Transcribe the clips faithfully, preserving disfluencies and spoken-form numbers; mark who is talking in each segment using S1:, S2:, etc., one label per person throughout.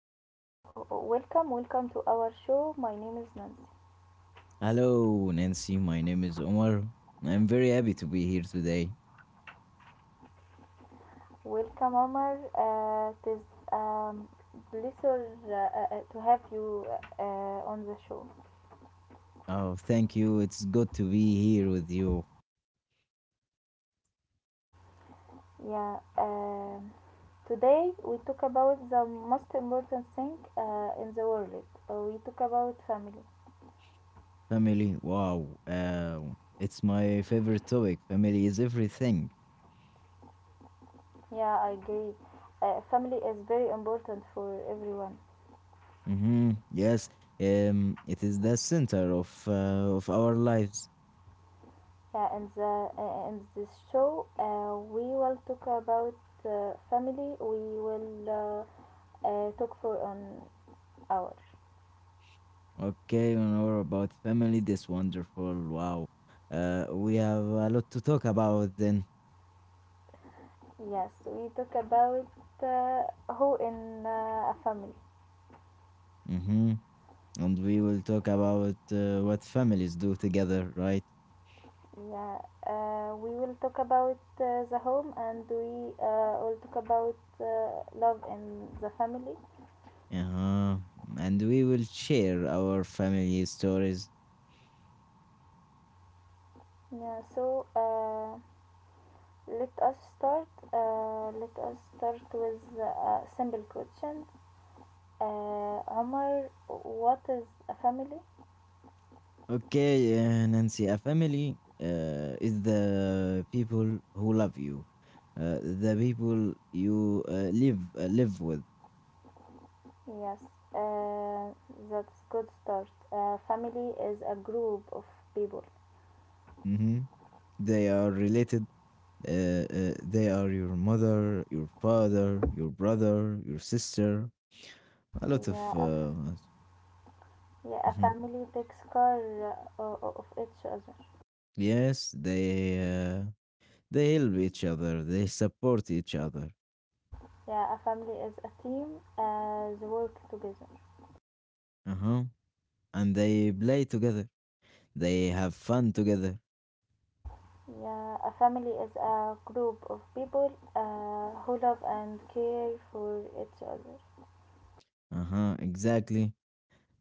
S1: and uh, welcome, welcome to our show. My name is Nancy.
S2: Hello, Nancy. My name is Omar. I'm very happy to be here today.
S1: Welcome, Omar. Uh, it is um, pleasure uh, uh, to have you uh, on the show.
S2: Oh, thank you. It's good to be here with you.
S1: Yeah. Um, today we talk about the most important thing uh, in the world. Uh, we talk about family.
S2: Family, wow. Uh, it's my favorite topic. Family is everything.
S1: Yeah, I agree. Uh, family is very important for everyone.
S2: Mm-hmm. Yes, um, it is the center of uh, of our lives.
S1: Yeah, in the uh, in this show, uh, we will talk about uh, family. We will uh, uh, talk for an hour.
S2: Okay, an hour about family. This wonderful. Wow. Uh, we have a lot to talk about then.
S1: Yes, we talk about uh, who in uh, a family.
S2: Mm-hmm. And we will talk about uh, what families do together, right?
S1: Yeah, uh, we will talk about uh, the home, and we uh, will talk about uh, love in the family.
S2: Uh-huh. And we will share our family stories.
S1: Yeah, so uh, Let us start. Uh, let us start with a simple question. Uh, Omar, what is a family?
S2: Okay, uh, Nancy, a family uh, is the people who love you, uh, the people you uh, live uh, live with.
S1: Yes, uh, that's good start. Uh, family is a group of people.
S2: hmm They are related. Uh, uh, they are your mother, your father, your brother, your sister. A lot of
S1: Yeah, a, f-
S2: uh,
S1: yeah, a
S2: mhm.
S1: family takes care uh, o- of each other.
S2: yes, they uh, They help each other. They support each other.
S1: Yeah, a family is a team as work together.
S2: Uh huh and they play together. They have fun together.
S1: Yeah, a family is a group of people uh, who love and care for each other.
S2: Uh huh. Exactly.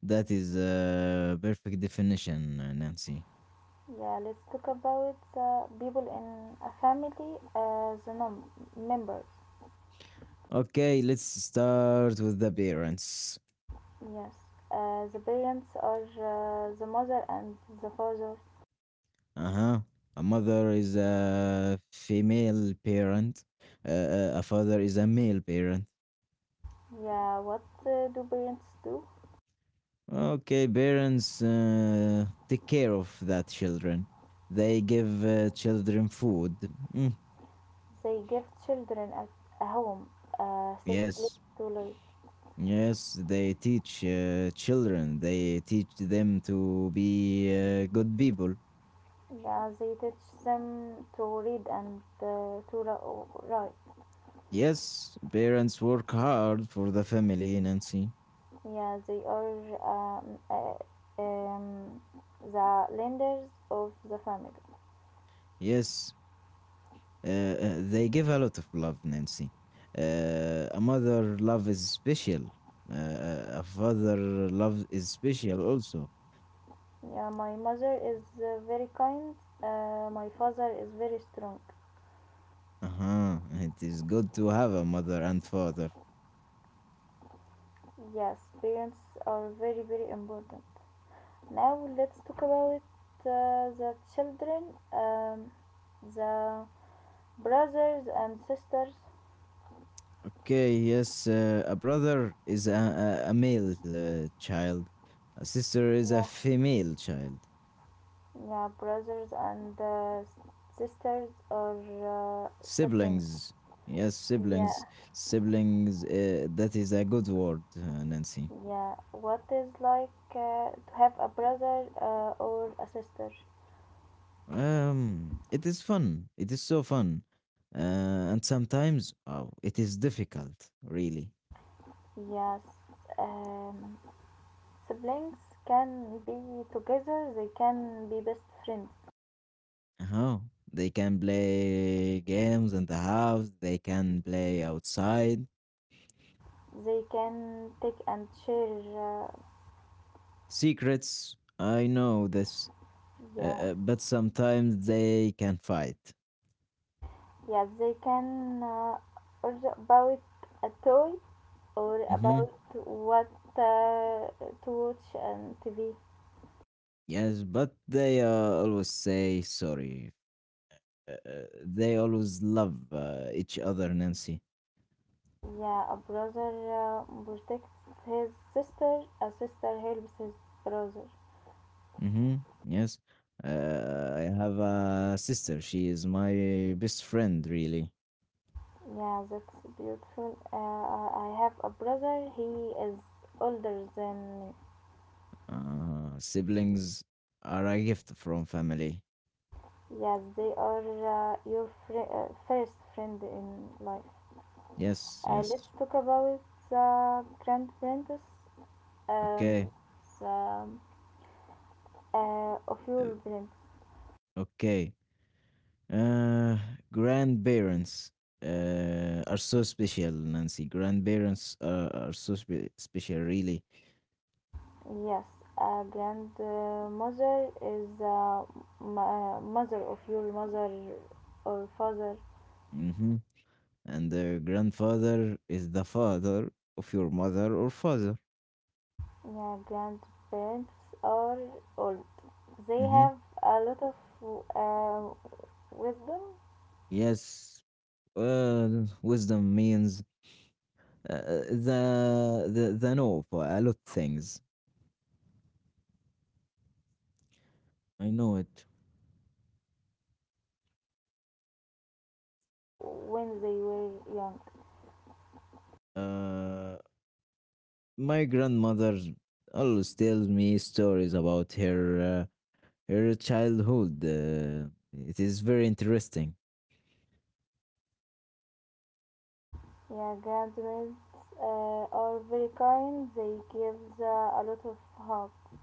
S2: That is a perfect definition, uh, Nancy.
S1: Yeah, let's talk about uh, people in a family as num- members.
S2: Okay, let's start with the parents.
S1: Yes, uh, the parents are uh, the mother and the father.
S2: Uh huh. A mother is a female parent. Uh, uh, a father is a male parent.
S1: Yeah, what uh, do parents do?
S2: Okay, parents uh, take care of that children. They give uh, children food. Mm,
S1: They give children a, a home, a safe place
S2: yes,
S1: to live.
S2: Yes, they teach uh, children, they teach them to be uh, good people.
S1: Yeah, they teach them to read and uh, to ra- write.
S2: Yes, parents work hard for the family, Nancy.
S1: Yeah, they are um, uh, um, the lenders of the family.
S2: Yes, uh, uh, they give a lot of love, Nancy. Uh, a mother love is special. Uh, uh, a father love is special also.
S1: Yeah, my mother is uh, very kind. Uh, my father is very strong.
S2: Uh-huh. It is good to have a mother and father.
S1: Yes, parents are very very important. Now let's talk about uh, the children, um, the brothers and sisters.
S2: Okay, yes, uh, a brother is a, a, a male uh, child, a sister is a
S1: Yeah,
S2: female child.
S1: yeah, brothers and uh, sisters or uh, siblings.
S2: Siblings, yes,
S1: Yeah,
S2: siblings, siblings. Uh, that is a good word, uh, Nancy.
S1: yeah. What is like uh, to have a brother uh, or a sister?
S2: Um, it is fun. It is so fun, uh, and sometimes oh, it is difficult, really.
S1: Yes, um, siblings can be together. They can be best friends.
S2: Oh, they can play games in the house. They can play outside.
S1: They can take and share, uh,
S2: Secrets. I know this uh,
S1: yeah,
S2: uh, but sometimes they can fight.
S1: yeah, they can uh, order about a toy or
S2: hmm
S1: about what uh, to watch and T V.
S2: Yes, but they uh, always say sorry. Uh, uh, they always love uh, each other, Nancy.
S1: Yeah, a brother uh, protects his sister, a sister helps his brother.
S2: hmm Yes. Uh, I have a sister. She is my best friend, really.
S1: Yeah, that's beautiful. Uh, I have a brother, he is older than me.
S2: Uh, siblings are a gift from family.
S1: Yes, they are uh, your fri- uh, first friend in life.
S2: Yes,
S1: Uh, let's
S2: yes.
S1: talk about the grandparents, um,
S2: Okay,
S1: the, uh, of your
S2: Uh,
S1: parents.
S2: okay. Uh, Grandparents uh, are so special, Nancy. Grandparents are, are so spe- special, really.
S1: Yes, a grandmother is the ma- mother of your mother or father.
S2: hmm And the grandfather is the father of your mother or father.
S1: Yeah, grandparents are or they
S2: hmm
S1: have a lot of uh, wisdom.
S2: Yes. Uh, wisdom means uh, the the the know for a lot things.
S1: Mhm.
S2: I know it.
S1: Yeah, they tell good stories, stories from uh, when they were young.
S2: Uh, my grandmother always tells me stories about her. Uh, her childhood. Uh, it is very interesting.
S1: Yeah, grandparents uh, are very kind. They give uh, a lot of hugs.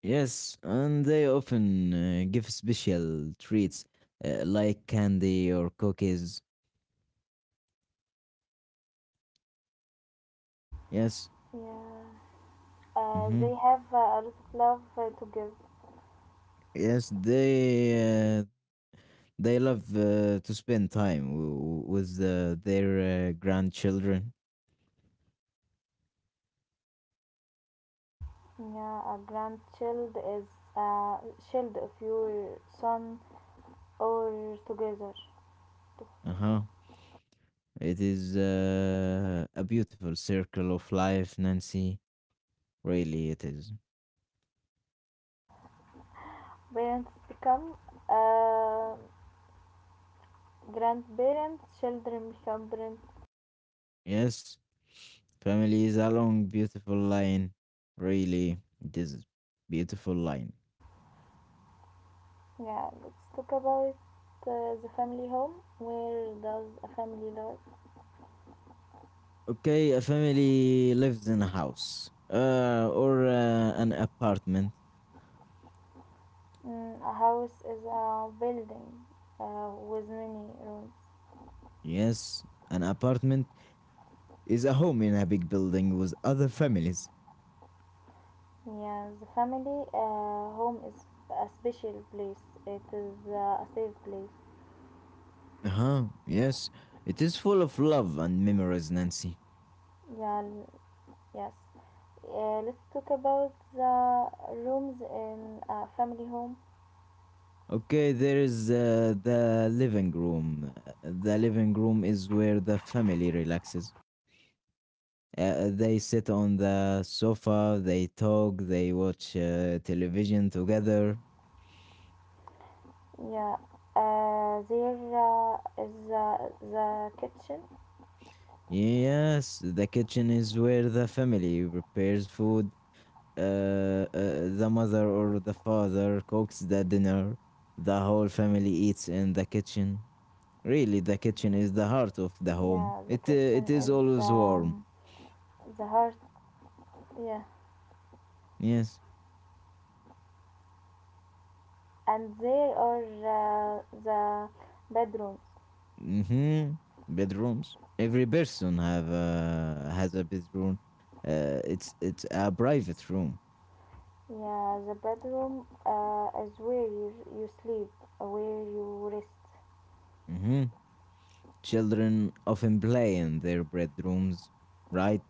S2: Yes, and they often uh, give special treats uh, like candy or cookies. Yes.
S1: Yeah, uh,
S2: hmm
S1: they have uh, a lot of love uh, to give.
S2: Yes, they uh, they love uh, to spend time w- with uh, their uh, grandchildren.
S1: Yeah, a grandchild is a child of your son or together.
S2: Uh huh. It is uh, a beautiful circle of life, Nancy. Really, it is.
S1: Parents become uh, grandparents. Children become parents.
S2: Yes. Family is a long, beautiful line. Really, this is beautiful line.
S1: Yeah, let's talk about uh, the family home. Where does a family live?
S2: Okay, a family lives in a house uh, or uh, an apartment.
S1: Mm, a house is a building uh, with many rooms.
S2: Yes, an apartment is a home in a big building with other families.
S1: Yeah, the family uh, home is a special place. It is uh, a safe place.
S2: Uh huh. Yes, it is full of love and memories, Nancy.
S1: Yeah, l- yes. Uh, let's talk about the rooms in a family home.
S2: Okay, there is uh, the living room. Uh, The living room is where the family relaxes. Uh, they sit on the sofa, they talk, they watch uh, television together.
S1: Yeah, uh, there uh, is uh, the kitchen.
S2: Yes, the kitchen is where the family prepares food. Uh, uh, the mother or the father cooks the dinner. The whole family eats in the kitchen. Really, the kitchen is the heart of the
S1: Yeah,
S2: home.
S1: the
S2: It uh,
S1: kitchen
S2: it is
S1: is
S2: always warm.
S1: um, the heart. Yeah,
S2: Yes.
S1: and there are uh, the bedrooms.
S2: Mm-hmm. Bedrooms. Every person have a, has a bedroom. Uh, it's it's a private room.
S1: Yeah, the bedroom uh, is where you, you sleep, uh, where you rest.
S2: hmm Children often play in their bedrooms, right?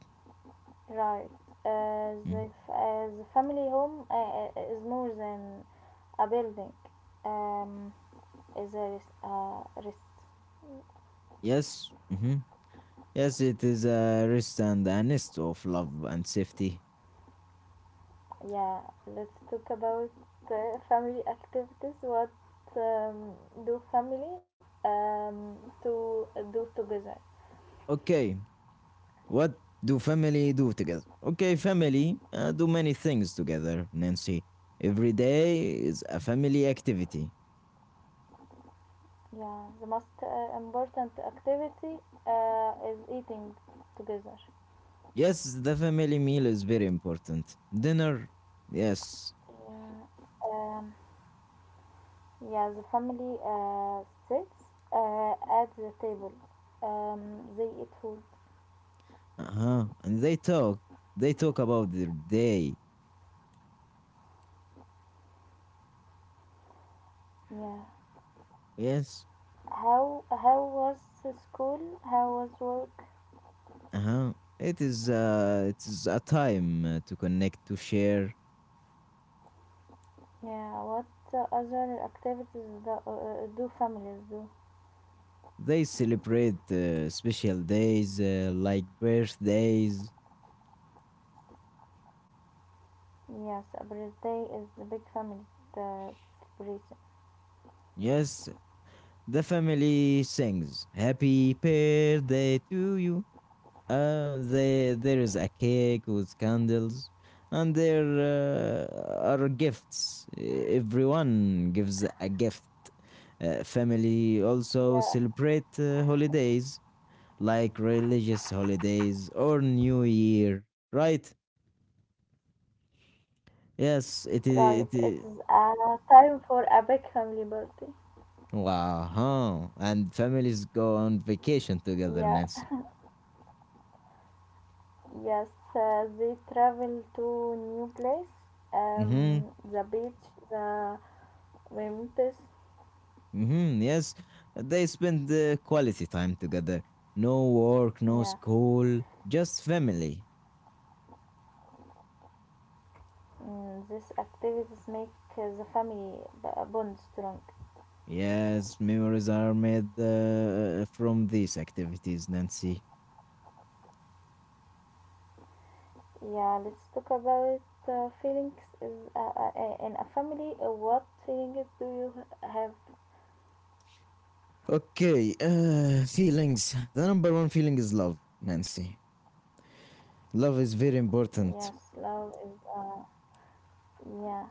S1: Right. Uh,
S2: Mm.
S1: the, f- uh, the family home uh, uh, is more than a building. Um, is a rest, uh, rest.
S2: Yes. hmm Yes, it is a rest and a nest of love and safety.
S1: Yeah, let's talk about uh, family activities. What um, do family um, to do together?
S2: Okay, what do family do together? Okay, family uh, do many things together, Nancy. Every day is a family activity.
S1: Yeah, the most uh, important activity uh, is eating together.
S2: Yes, the family meal is very important. Dinner, yes.
S1: Yeah, um, yeah, the family uh, sits uh, at the table. Um, they eat food.
S2: Uh huh. And they talk. They talk about their day.
S1: Yeah.
S2: Yes,
S1: How how was the school? How was work?
S2: Uh-huh. It is uh, it is a time uh, to connect, to share.
S1: Yeah. What uh, other activities do, uh, uh, do families do?
S2: They celebrate uh, special days uh, like birthdays.
S1: Yes, a birthday is a big family uh, celebration.
S2: Yes, the family sings "Happy Birthday to you." Uh, they, there is a cake with candles, and there uh, are gifts. E- Everyone gives a gift. Uh, family also
S1: Yeah,
S2: celebrate uh, holidays like religious holidays or New Year, right? Yes, it is.
S1: right.
S2: It
S1: It
S2: is.
S1: is a time for a big family birthday.
S2: Wow, huh? And families go on vacation together,
S1: Yeah,
S2: Nancy.
S1: yes, uh, they travel to new place,
S2: Mm-hmm.
S1: um, the beach, the mountains.
S2: Mm-hmm. Yes, they spend uh, quality time together. No work, no
S1: Yeah,
S2: school, just family.
S1: mm, these activities make uh, the family b- bond strong.
S2: Yes, memories are made uh, from these activities, Nancy.
S1: Yeah, let's talk about uh, feelings is uh, uh, uh, in a family. Uh, what feelings do you h- have?
S2: Okay, uh, feelings. The number one feeling is love, Nancy. Love is very important.
S1: Yes, love is. Uh, yeah,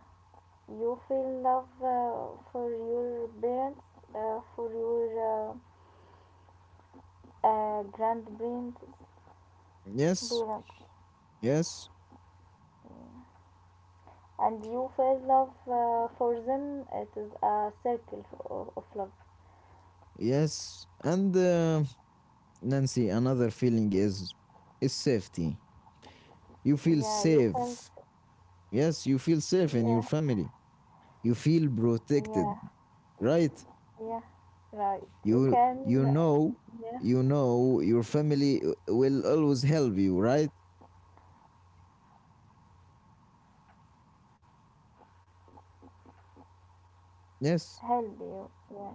S1: you feel love uh, for your parents, uh, for your uh, uh, grandparents,
S2: Yes,
S1: parents,
S2: yes,
S1: and you feel love uh, for them. It is a circle of, of love.
S2: yes. And uh, Nancy, another feeling is is safety. You feel
S1: Yeah, you can.
S2: safe. Yes, you feel safe in your
S1: Yeah,
S2: family. You feel
S1: yeah,
S2: protected, right?
S1: yeah, right, you
S2: You you
S1: can. Uh,
S2: know
S1: yeah,
S2: you know your family uh, will always help you, right? Yes.
S1: help you. Yeah,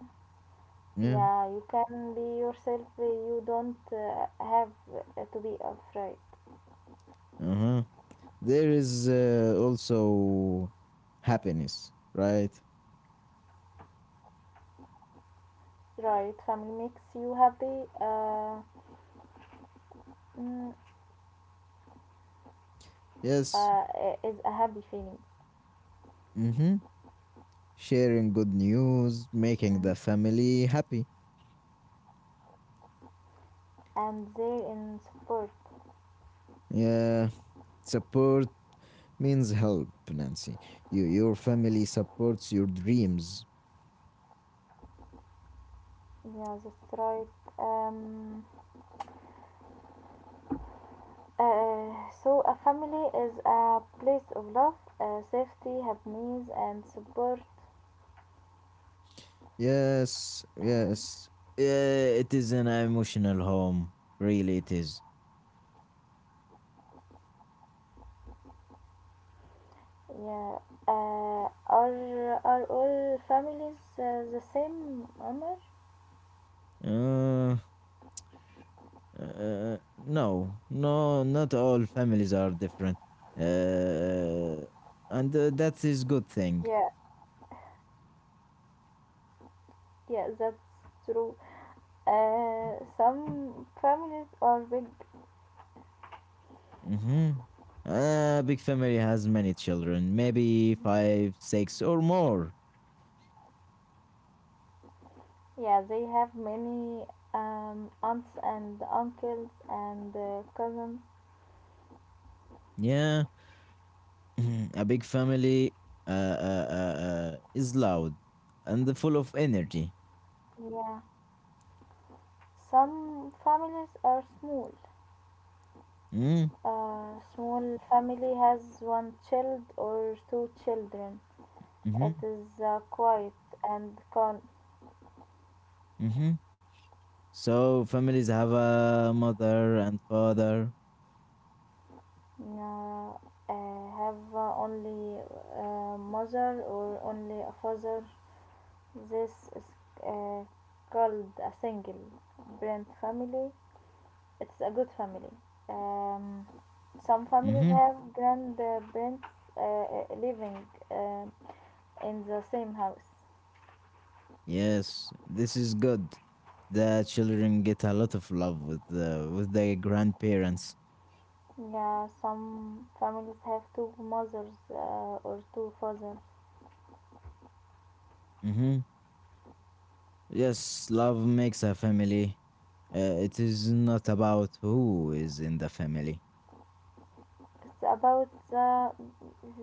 S2: Yeah.
S1: yeah, you can be yourself, you don't uh, have to be afraid.
S2: Uh huh. There is uh, also happiness, right?
S1: Right, family makes you happy. uh, mm,
S2: Yes.
S1: uh, is a happy feeling.
S2: Mm hmm. Sharing good news, making the
S1: Mm.
S2: family happy.
S1: And they in support.
S2: Yeah, support means help, Nancy. You, your family supports your dreams.
S1: Yeah, that's right. um Uh, so, a family is a place of love, uh, safety, happiness, and support.
S2: Yes,
S1: Um,
S2: yes. Yeah, it is an emotional home. Really, it is.
S1: yeah, uh, are are all families uh, the same, Omar?
S2: Uh, uh, no, no, not all families are different. Uh, and uh, that is good thing.
S1: Yeah, yeah, that's true. Uh, some families are big.
S2: Mm-hmm. A big family has many children, maybe five, six, or more.
S1: Yeah, they have many um, aunts and uncles and uh, cousins.
S2: Yeah, a big family uh, uh, uh, uh, is loud and full of energy.
S1: Yeah, some families are small.
S2: Mm?
S1: A small family has one child or two children.
S2: Mm-hmm.
S1: It is uh, quiet and can
S2: Mm-hmm. So families have a mother and father.
S1: uh, uh, have uh, only uh, mother or only a father. This is uh, called a single parent family. It's a good family. Um, some families
S2: Mm-hmm.
S1: have grandparents uh, living um in the same house.
S2: Yes, this is good. The children get a lot of love with the with their grandparents.
S1: Yeah, some families have two mothers uh, or two fathers.
S2: Mm-hmm. Yes, love makes a family. Uh, it is not about who is in the family.
S1: It's about the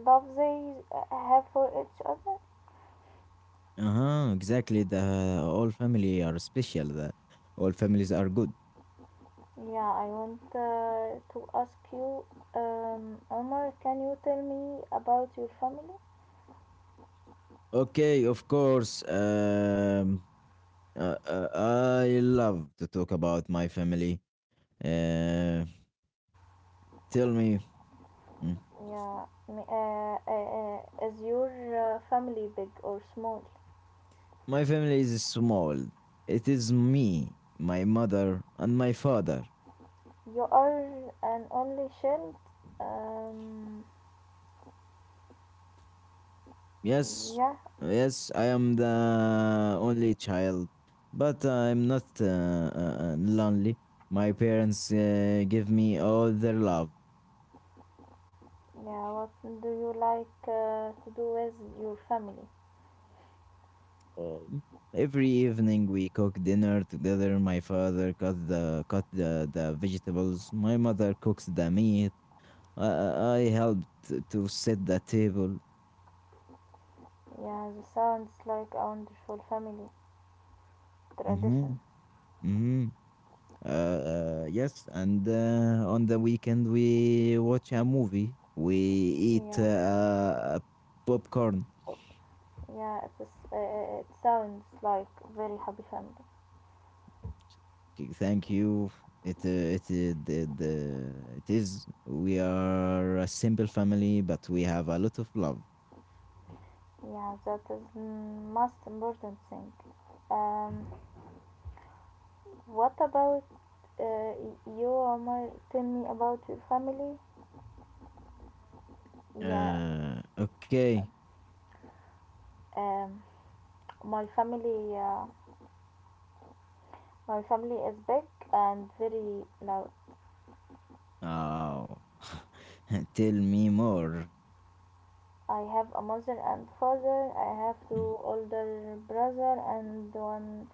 S1: love they have for each other.
S2: Uh-huh, exactly. The all family are special. The all families are good.
S1: Yeah, I want uh, to ask you, um, Omar, can you tell me about your family?
S2: Okay, of course. Um, uh, uh, I love to talk about my family. Uh, tell me, mm,
S1: Yeah, m- uh, uh, uh, is your uh, family big or small?
S2: my family is small. It is me, my mother, and my father.
S1: You are an only child. Um,
S2: Yes,
S1: yeah,
S2: yes, I am the only child, but I'm not uh, uh, uh, lonely. My parents uh, give me all their love.
S1: yeah. What do you like uh, to do with your family?
S2: Uh, Every evening we cook dinner together. My father cut the cut the, the vegetables. My mother cooks the meat. I, I I helped to set the table.
S1: Yeah, this sounds like a wonderful family tradition.
S2: Mm-hmm. Mm-hmm. Uh, uh, yes, and uh, on the weekend we watch a movie. We eat uh,
S1: Yeah,
S2: uh, popcorn.
S1: yeah, it, is, uh, uh, it sounds like very happy family.
S2: Okay, thank you. It uh, it uh, the, the It is. We are a simple family, but we have a lot of love.
S1: Yeah, that is the most important thing. Um, what about uh, you, Omar? Tell me about your family. Yeah,
S2: Uh, okay.
S1: um, my family, uh, my family is big and very loud.
S2: Oh, tell me more.
S1: I have a mother and father. I have
S2: Mm.
S1: two older brother and one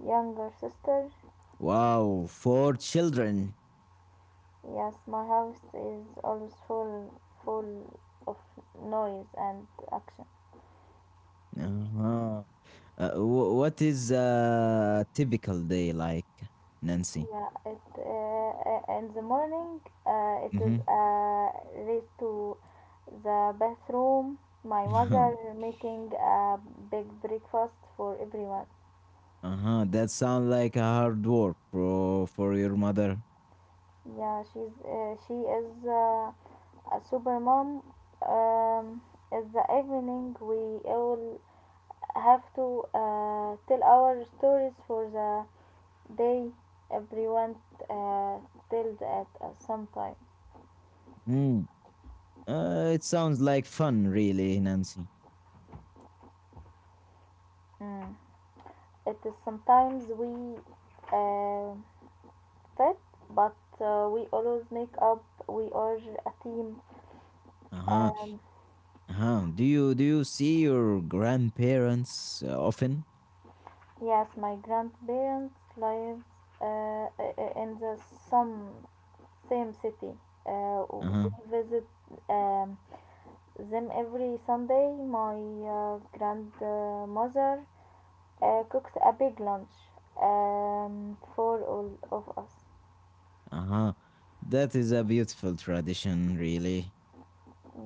S1: younger sister.
S2: Wow, four children.
S1: Yes, my house is always full full of noise and action.
S2: Uh-huh. Uh, wh- what is a typical day like, Nancy?
S1: Yeah, it uh, uh, in the morning uh, it
S2: Mm-hmm.
S1: is a race to the bathroom. My mother making a big breakfast for everyone.
S2: Uh-huh. That sounds like a hard work for for your mother.
S1: Yeah, she's uh, she is uh, a super mom. Um, in the evening we all have to uh, tell our stories for the. They, everyone uh, tells at us sometimes.
S2: Mm. Uh, it sounds like fun, really, Nancy.
S1: Mm. It is sometimes we uh, fit, but uh, we always make up. We are a team.
S2: Uh-huh.
S1: Uh,
S2: Uh-huh. Do you do you see your grandparents uh, often?
S1: yes, my grandparents live uh, in the some same city. Uh,
S2: Uh-huh.
S1: we visit um, them every Sunday. My uh, grandmother uh, cooked a big lunch um, for all of us.
S2: Uh-huh. That is a beautiful tradition, really.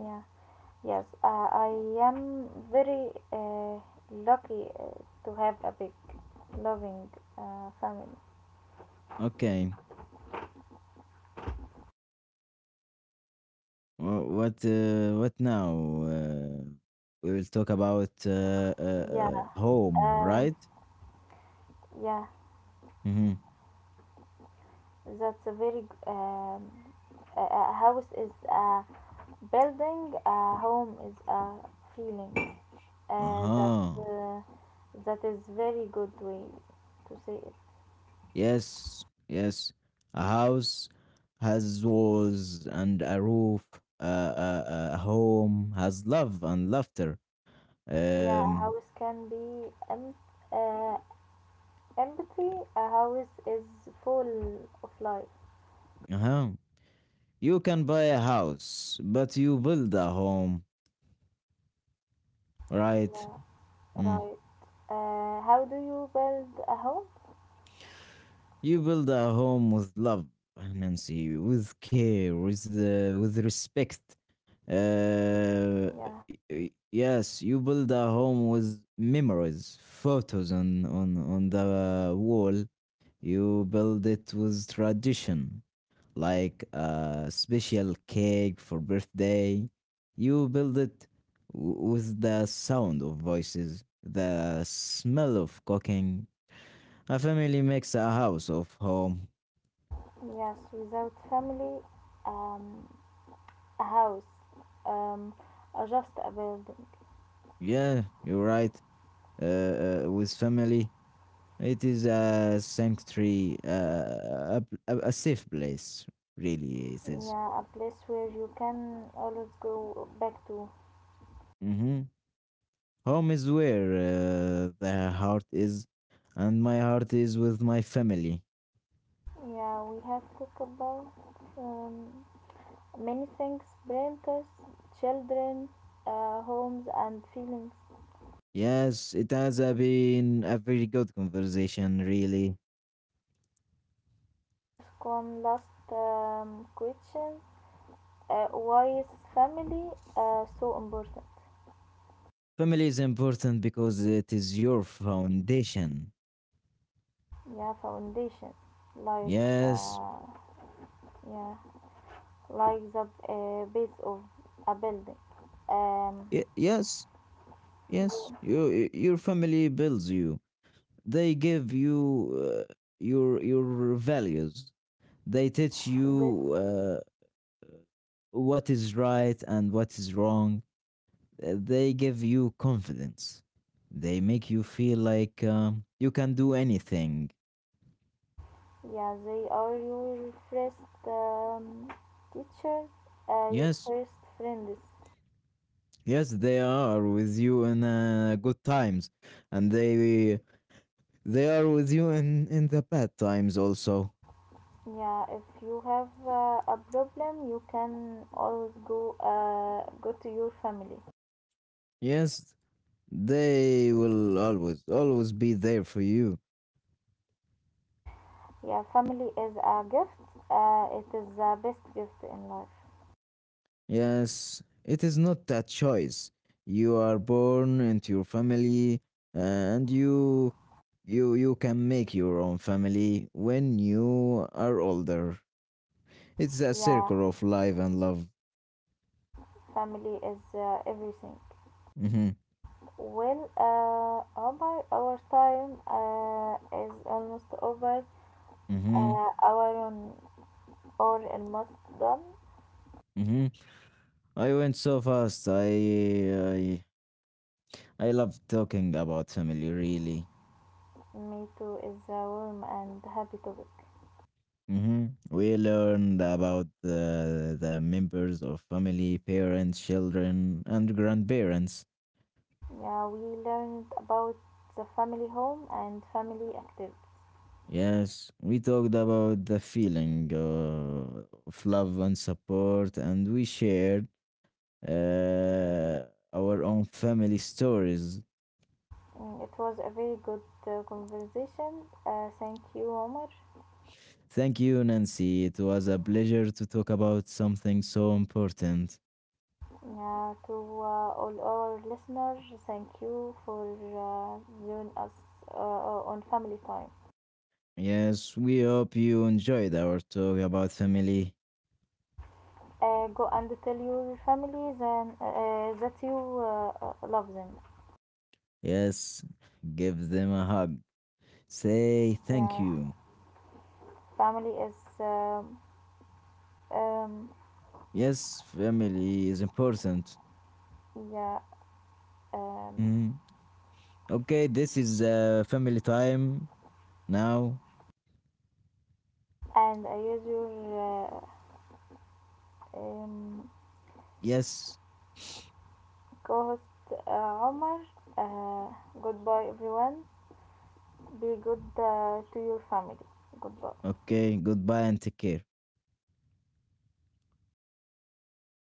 S1: Yeah, yes, uh, I am very uh, lucky uh, to have a big, loving uh, family.
S2: Okay. Wha- What uh, what now? Uh, we will talk about uh, uh,
S1: Yeah,
S2: uh, home,
S1: um,
S2: right?
S1: yeah,
S2: Mm-hmm.
S1: that's a very g- um, a a house is a building, a home is a feeling. Uh, that
S2: Uh-huh.
S1: uh, that is very good way to say it.
S2: Yes, yes. A house has walls and a roof. A, a, a home has love and laughter.
S1: Yeah, a
S2: Um,
S1: house can be um, uh, Empathy, a house is full of life.
S2: uh-huh. You can buy a house, but you build a home, right?
S1: Yeah,
S2: Mm-hmm.
S1: right. Uh, how do you build a home?
S2: You build a home with love, Nancy, with care, with the, with respect. Uh,
S1: Yeah,
S2: y- y- yes, you build a home with
S1: uh, you
S2: memories,
S1: build,
S2: photos on on on the
S1: yeah,
S2: wall. You build it with tradition, like a special cake for birthday. You build it w- with the sound of voices, the smell of cooking. A family makes a house of home.
S1: yes, without family, um, a house, um, or just a building.
S2: Yeah, you're right. Uh, uh, with family, it is a sanctuary, uh, a, a, a safe place, really. It is.
S1: Yeah, a place where you can always go back to.
S2: Mm-hmm. Home is where uh, the heart is, and my heart is with my family.
S1: Yeah, we have to talk about um, many things: parents, children, uh, homes, and feelings.
S2: Yes, it has uh, been a very good conversation, really.
S1: Yeah, I want to ask one last um, question. Uh, why is family uh, so important?
S2: Family is important because it is your foundation.
S1: Yeah, foundation, like
S2: Yes,
S1: uh, yeah, like the uh, base of a building. Um,
S2: y- yes, yes. Your your family builds you. They give you uh, your your values. They teach
S1: that
S2: you uh, what is right and what is wrong. Uh, They give you confidence. They make you feel like um, you can do anything.
S1: yeah, they are your first um, teachers, uh, your
S2: Yes,
S1: first friends.
S2: yes, they are with you in uh, good times, and they they are with you in in the bad times also.
S1: Yeah, if you have uh, a problem, you can always go uh, go to your family.
S2: Yes, they will always always be there for you.
S1: Yeah, family is a gift. Uh, it is the best gift in life.
S2: Yes, it is not a choice. You are born into your family and you you you can make your own family when you are older. It's a
S1: Yeah,
S2: circle of life and love.
S1: family is uh, everything.
S2: Mhm.
S1: Well, uh, Omar, our time uh, is almost over.
S2: Mhm.
S1: Uh, our on or almost done.
S2: Mhm. I went so fast. I I I love talking about family really.
S1: Me too is a warm and happy topic.
S2: Mhm. We learned about the the members of family, parents, children and grandparents.
S1: Yeah, we learned about the family home and family activities.
S2: Yes, we talked about the feeling uh, of love and support, and we shared uh, our own family stories.
S1: Mm, it was a very good uh, conversation. Uh, thank you, Omar.
S2: Thank you, Nancy. It was a pleasure to talk about something so important.
S1: Yeah, to uh, all our listeners, thank you for uh, joining us uh, uh, on Family Time.
S2: Yes, we hope you enjoyed our talk about family.
S1: Uh, go and tell your family then uh, uh, that you uh, uh, love them.
S2: Yes, give them a hug. Say thank
S1: Yeah,
S2: you.
S1: family is um, um,
S2: Yes, family is important.
S1: yeah, um,
S2: Mhm. Okay, this is uh, family time now.
S1: and I use your uh, um,
S2: Yes.
S1: co-host uh, Omar. Uh, goodbye, everyone. Be good uh, to your family. Goodbye.
S2: Okay. Goodbye and take care.